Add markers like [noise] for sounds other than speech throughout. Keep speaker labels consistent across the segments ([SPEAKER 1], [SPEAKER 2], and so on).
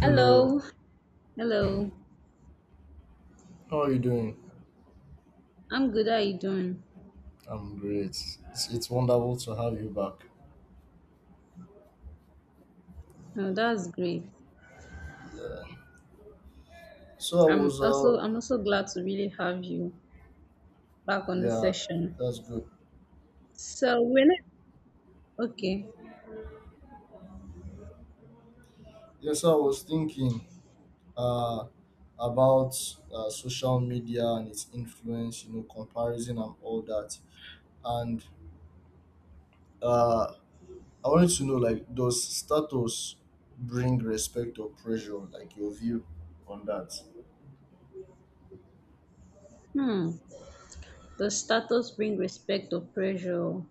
[SPEAKER 1] Hello,
[SPEAKER 2] Hello, hello.
[SPEAKER 1] how are you doing?
[SPEAKER 2] I'm good. How you doing?
[SPEAKER 1] I'm great. It's wonderful to have you back.
[SPEAKER 2] Oh, that's great.
[SPEAKER 1] Yeah. So I
[SPEAKER 2] I'm
[SPEAKER 1] was
[SPEAKER 2] also I'm also glad to really have you back on the
[SPEAKER 1] Yeah,
[SPEAKER 2] session.
[SPEAKER 1] that's good.
[SPEAKER 2] So when I, okay,
[SPEAKER 1] Yes, I was thinking uh about social media and its influence, you know, comparison and all that. And uh I wanted to know, like, does status bring respect or pressure, like your view on that?
[SPEAKER 2] hmm, does status bring respect or pressure?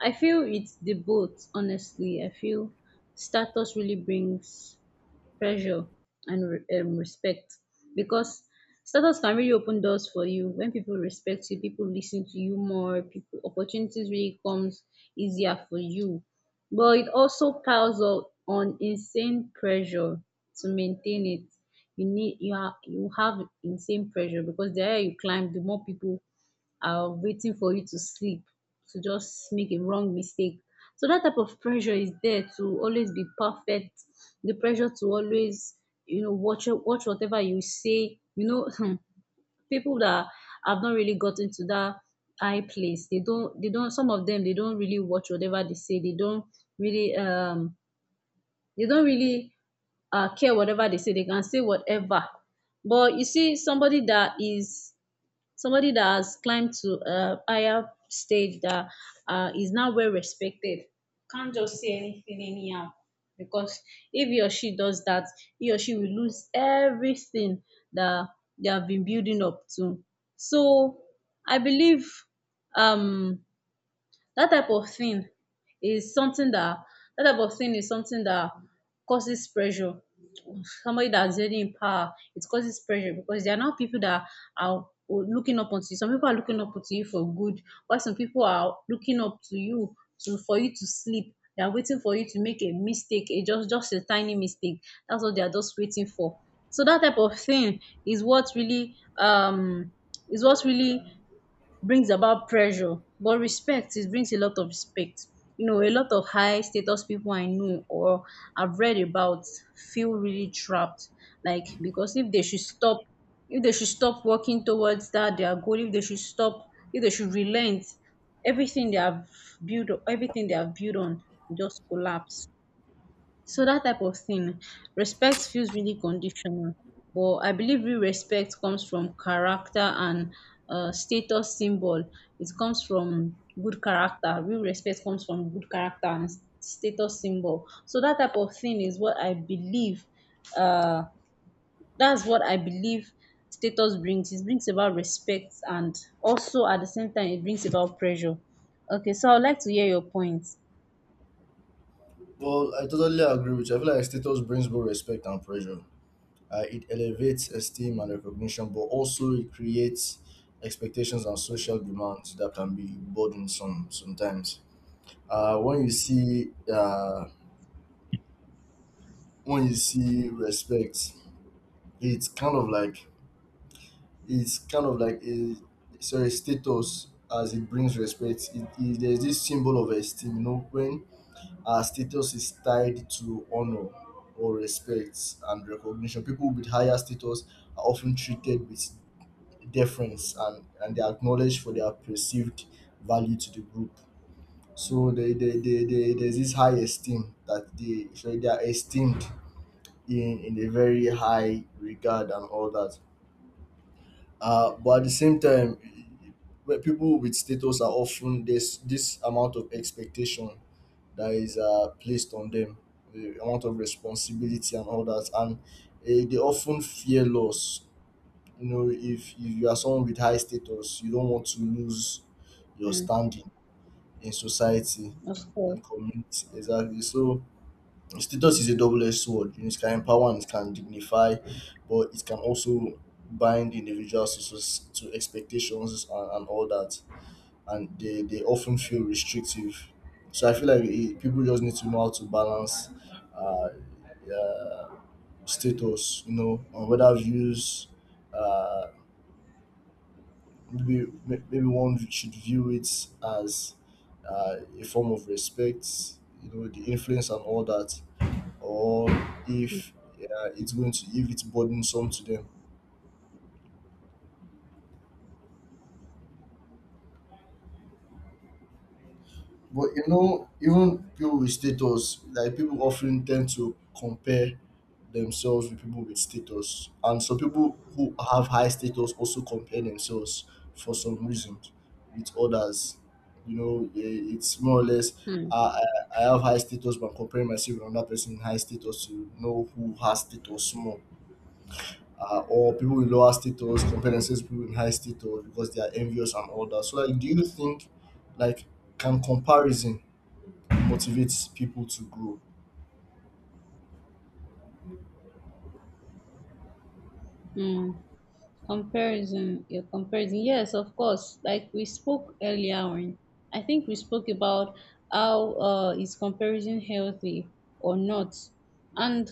[SPEAKER 2] I feel it's the both. Honestly, I feel status really brings pressure and respect, because status can really open doors for you. When people respect you, people listen to you more. People opportunities really comes easier for you, but it also piles up on insane pressure to maintain it. You have insane pressure because the higher you climb, the more people waiting for you to sleep, to just make a wrong mistake. So that type of pressure is there to always be perfect. The pressure to always, watch whatever you say. [laughs] People that have not really gotten to that high place, they don't some of them, they don't really watch whatever they say. Really um they don't really care whatever they say. They can say whatever. But you see, somebody that has climbed to a higher stage that is now well respected can't just say anything anyhow, because if he or she does that, he or she will lose everything that they have been building up to. So I believe um that type of thing is something that that type of thing is something that causes pressure. Somebody that's already in power, it causes pressure because there are now people that are looking up onto you. Some people are looking up to you for good, while some people are looking up to you to for you to sleep. They are waiting for you to make a mistake, a just a tiny mistake. That's what they are just waiting for. So that type of thing is what really um is what really brings about pressure. But respect, it brings a lot of respect. A lot of high status people I know or I've read about feel really trapped, like, because if they should stop working towards that their goal. If they should relent, everything they have everything they have built on just collapse. So that type of thing respect feels really conditional, but I believe real respect comes from character and status symbol. It comes from good character. Real respect comes from good character and status symbol. So Uh, that's what I believe status brings. It brings about respect and also at the same time it brings about pressure. Okay, so I would like to hear your points.
[SPEAKER 1] Well, I totally agree with you. I feel like status brings both respect and pressure. It elevates esteem and recognition, but also it creates expectations and social demands that can be burdensome sometimes. Uh, when you see uh, when you see respect, it's kind of like it's kind of like a sorry, status as it brings respect. There's this symbol of esteem, you know, when our status is tied to honor or respect and recognition. People with higher status are often treated with difference, and they're acknowledged for their perceived value to the group. So they there's this high esteem that they, so they are esteemed in a very high regard and all that. But at the same time, when people with status are, often there's this amount of expectation that is placed on them, the amount of responsibility and all that, and they often fear loss. You know, if you are someone with high status, you don't want to lose your
[SPEAKER 2] um
[SPEAKER 1] standing in society,
[SPEAKER 2] of course.
[SPEAKER 1] in community, exactly. So status is a double-edged sword, you know, it can empower and it can dignify, but it can also bind individuals to, to expectations, and all that, and they often feel restrictive. So I feel like people just need to know how to balance uh, uh, status, you know, and whether views uh, maybe one should view it as a form of respect, you know, the influence and all that, or if it's going to, if it's burdensome to them. But you know, even people with status, like people often tend to compare themselves with people with status. And some people who have high status also compare themselves, for some reasons, with others. You know, it's more or less,
[SPEAKER 2] Hmm.
[SPEAKER 1] I have high status, but I'm comparing myself with another person in high status to know who has status more. Or people with lower status compare themselves with people in high status because they are envious and all that. So, like, do you think, like, can comparison motivates people to grow?
[SPEAKER 2] Hmm. Comparison, your comparison. Yes, of course. Like we spoke earlier on, I think we spoke about how, is comparison healthy or not. And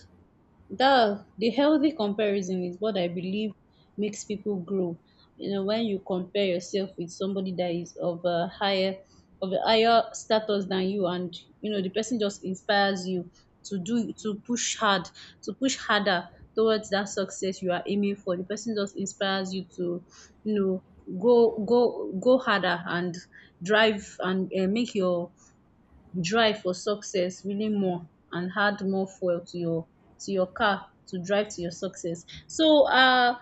[SPEAKER 2] that the healthy comparison is what I believe makes people grow. When you compare yourself with somebody that is of a higher status than you, and you know the person just inspires you to push hard, to push harder towards that success you are aiming for. The person just inspires you to, you know, go go go harder and drive, and make your drive for success really more, and add more fuel to your car to drive to your success. So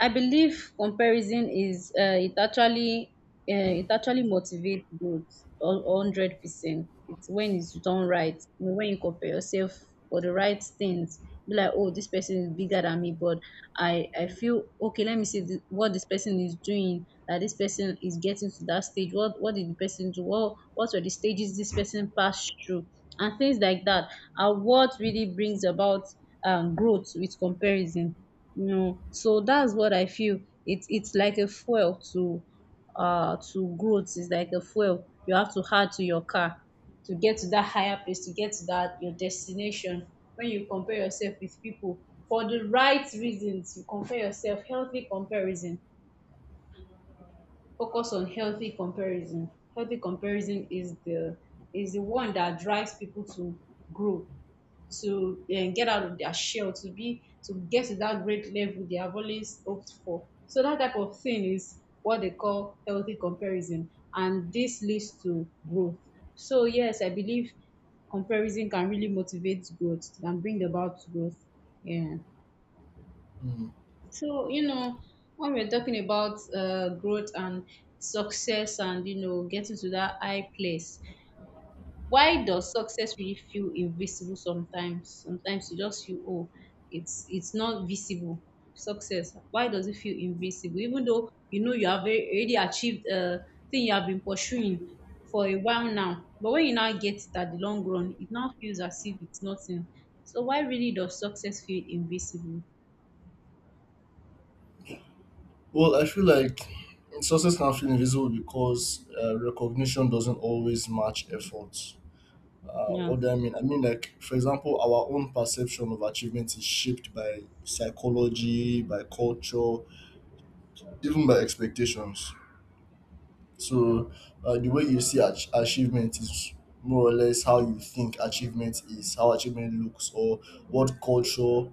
[SPEAKER 2] I believe comparison is it actually motivates growth 100%. It's when it's done right. When you compare yourself for the right things, be like, oh, this person is bigger than me, but I feel okay. Let me see what this person is doing. That this person is getting to that stage. What did the person do? What were the stages this person passed through? And things like that are what really brings about growth with comparison. No. So that's what I feel. It's like a fuel to growth. It's like a fuel you have to add to your car to get to that higher place, to get to that your destination. When you compare yourself with people for the right reasons, you compare yourself, healthy comparison. Focus on healthy comparison. Healthy comparison is the one that drives people to grow, to get out of their shell, to get to that great level they have always hoped for. So that type of thing is what they call healthy comparison, and this leads to growth. So yes, I believe comparison can really motivate growth and bring about growth. Yeah.
[SPEAKER 1] Mm.
[SPEAKER 2] So when we're talking about growth and success, and getting to that high place, why does success really feel invisible sometimes? Sometimes you just feel, oh, it's not visible. Success. Why does it feel invisible? Even though you know you have already achieved a thing you have been pursuing for a while now, but when you now get it at the long run, it now feels as if it's nothing. So why really does success feel invisible?
[SPEAKER 1] Well, I feel like success can feel invisible because recognition doesn't always match effort.
[SPEAKER 2] Yeah.
[SPEAKER 1] What do I mean? I mean, like, for example, our own perception of achievement is shaped by psychology, by culture, even by expectations. So the way you see achievement is more or less how you think achievement is, how achievement looks, or what culture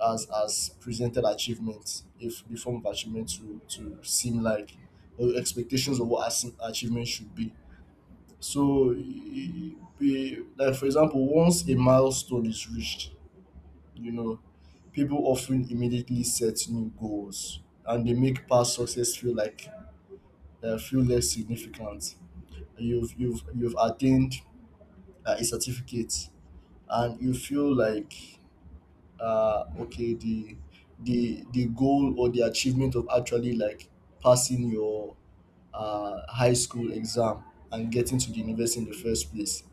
[SPEAKER 1] has presented achievement, if the form of achievement to seem like, or expectations of what achievement should be. So, like for example, once a milestone is reached, you know, people often immediately set new goals, and they make past success feel like feel less significant. You've attained a certificate, and you feel like okay, the the goal or the achievement of actually like passing your high school exam and getting to the university in the first place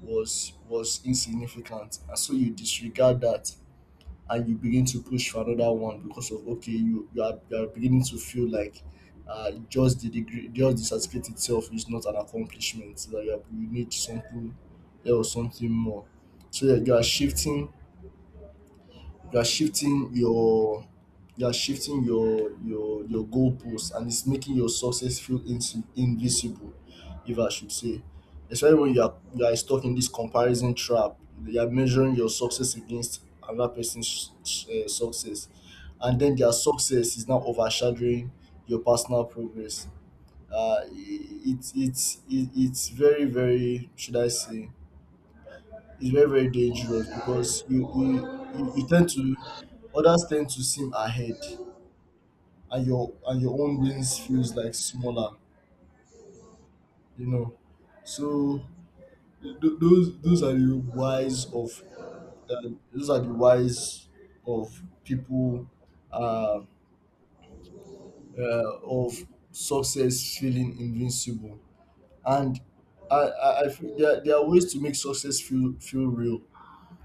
[SPEAKER 1] was insignificant, and so you disregard that and you begin to push for another one because of, okay, you are beginning to feel like just the degree, just the certificate itself, is not an accomplishment, that you are, you need something else, something more. So that you are shifting, you are shifting your you are shifting your goalposts, and it's making your success feel invisible, if I should say, especially when you are stuck in this comparison trap, you are measuring your success against another person's success, and then their success is now overshadowing your personal progress. Uh it, it, it it's very very, should I say, is very very dangerous because you tend to, others tend to seem ahead, and your own wins feels like smaller, you know. So those those are the wise of uh, those are the wise of people, uh, of success feeling invincible. And I feel there, there are ways to make success feel real.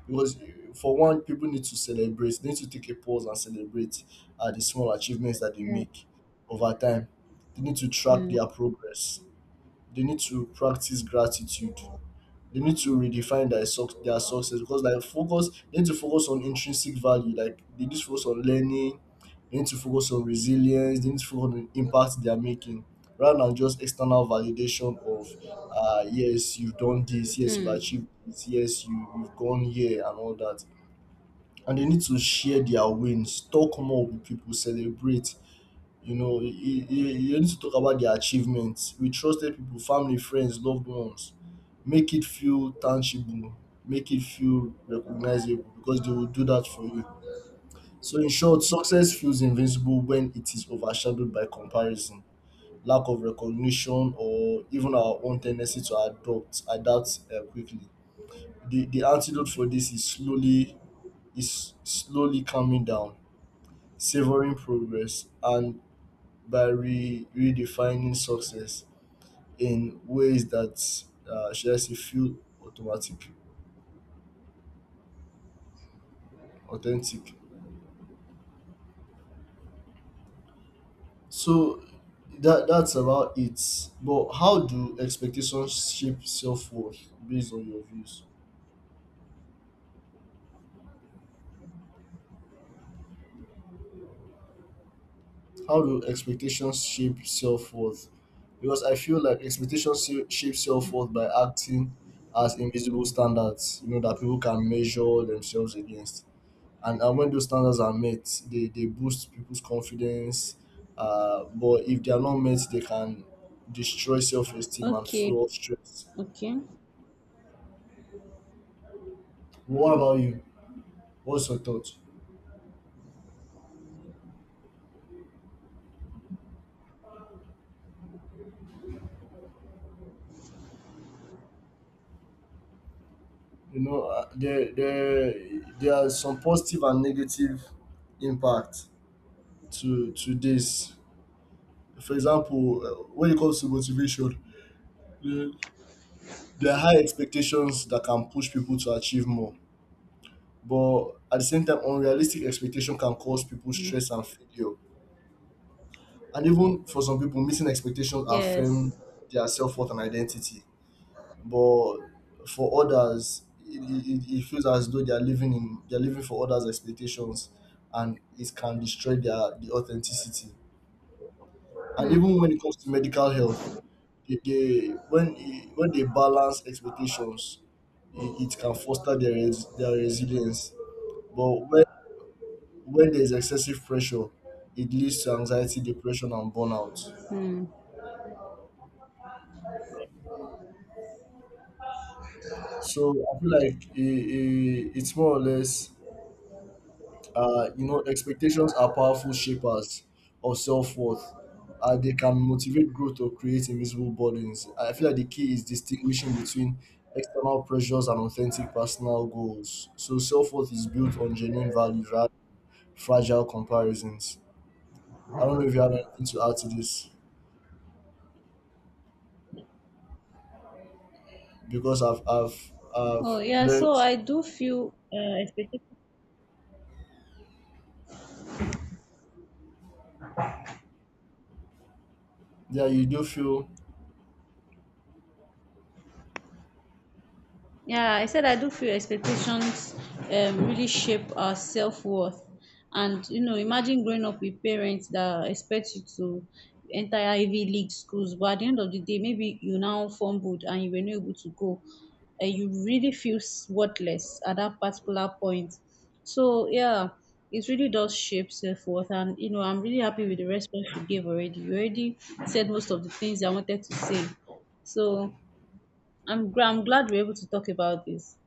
[SPEAKER 1] Because for one, people need to celebrate. They need to take a pause and celebrate the small achievements that they
[SPEAKER 2] Yeah.
[SPEAKER 1] make over time. They need to track
[SPEAKER 2] Hmm.
[SPEAKER 1] their progress. They need to practice gratitude. They need to redefine their suc their success, because like focus, they need to focus on intrinsic value. Like they need to focus on learning. They need to focus on resilience. They need to focus on the impact they are making rather than just external validation of yes, you've done this, yes, you've
[SPEAKER 2] Hmm.
[SPEAKER 1] achieved this, yes, you you've gone here and all that. And they need to share their wins, talk more with people, celebrate. You know, you need to talk about their achievements with trusted people, family, friends, loved ones. Make it feel tangible, make it feel recognizable, because they will do that for you. So, in short, success feels invincible when it is overshadowed by comparison, lack of recognition, or even our own tendency to adopt, adapt quickly. The antidote for this is slowly, calming down, savoring progress, and by redefining success in ways that should I say feel automatic, authentic. So that that's about it. But how do expectations shape self worth based on your views? How do expectations shape self worth? Because I feel like expectations shape self worth by acting as invisible standards, you know, that people can measure themselves against. And when those standards are met, they boost people's confidence, but if they are not met, they can destroy self-esteem and
[SPEAKER 2] Okay.
[SPEAKER 1] fuel stress.
[SPEAKER 2] Okay.
[SPEAKER 1] What about you, what's your thought? You know, there there are some positive and negative impact to this. For example, when it comes to motivation, there there are high expectations that can push people to achieve more, but at the same time unrealistic expectation can cause people
[SPEAKER 2] Hmm.
[SPEAKER 1] stress and failure. And even for some people, missing expectations affirm
[SPEAKER 2] Yes.
[SPEAKER 1] their self worth and identity. But for others, it feels as though they are living in, they are living for others' expectations, and it can destroy their the authenticity. And
[SPEAKER 2] Hmm.
[SPEAKER 1] even when it comes to medical health, they when they balance expectations, it can foster their their resilience. But when there is excessive pressure, it leads to anxiety, depression, and burnout.
[SPEAKER 2] Hmm.
[SPEAKER 1] So I feel like it's more or less, you know, expectations are powerful shapers of self worth. They can motivate growth or create invisible burdens. I feel like the key is distinguishing between external pressures and authentic personal goals. So self worth is built on genuine values, rather than fragile comparisons. I don't know if you have anything to add to this, because I've I've
[SPEAKER 2] Oh
[SPEAKER 1] I've
[SPEAKER 2] yeah,
[SPEAKER 1] learned.
[SPEAKER 2] so I do feel, expected.
[SPEAKER 1] Yeah, you do feel.
[SPEAKER 2] Yeah, I said I do feel expectations really shape our self worth. And, imagine growing up with parents that expect you to enter Ivy League schools, but at the end of the day, maybe you now fumbled and you were not able to go. You really feel worthless at that particular point. So, yeah, it really does shape self worth. And, I'm really happy with the response you gave already. You already said most of the things I wanted to say. So, I'm glad we're able to talk about this.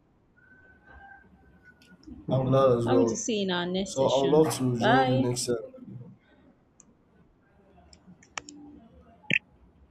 [SPEAKER 1] I'm glad as
[SPEAKER 2] Can't wait to
[SPEAKER 1] well.
[SPEAKER 2] see you in our next
[SPEAKER 1] So I would
[SPEAKER 2] session.
[SPEAKER 1] love to join you
[SPEAKER 2] Bye.
[SPEAKER 1] next time.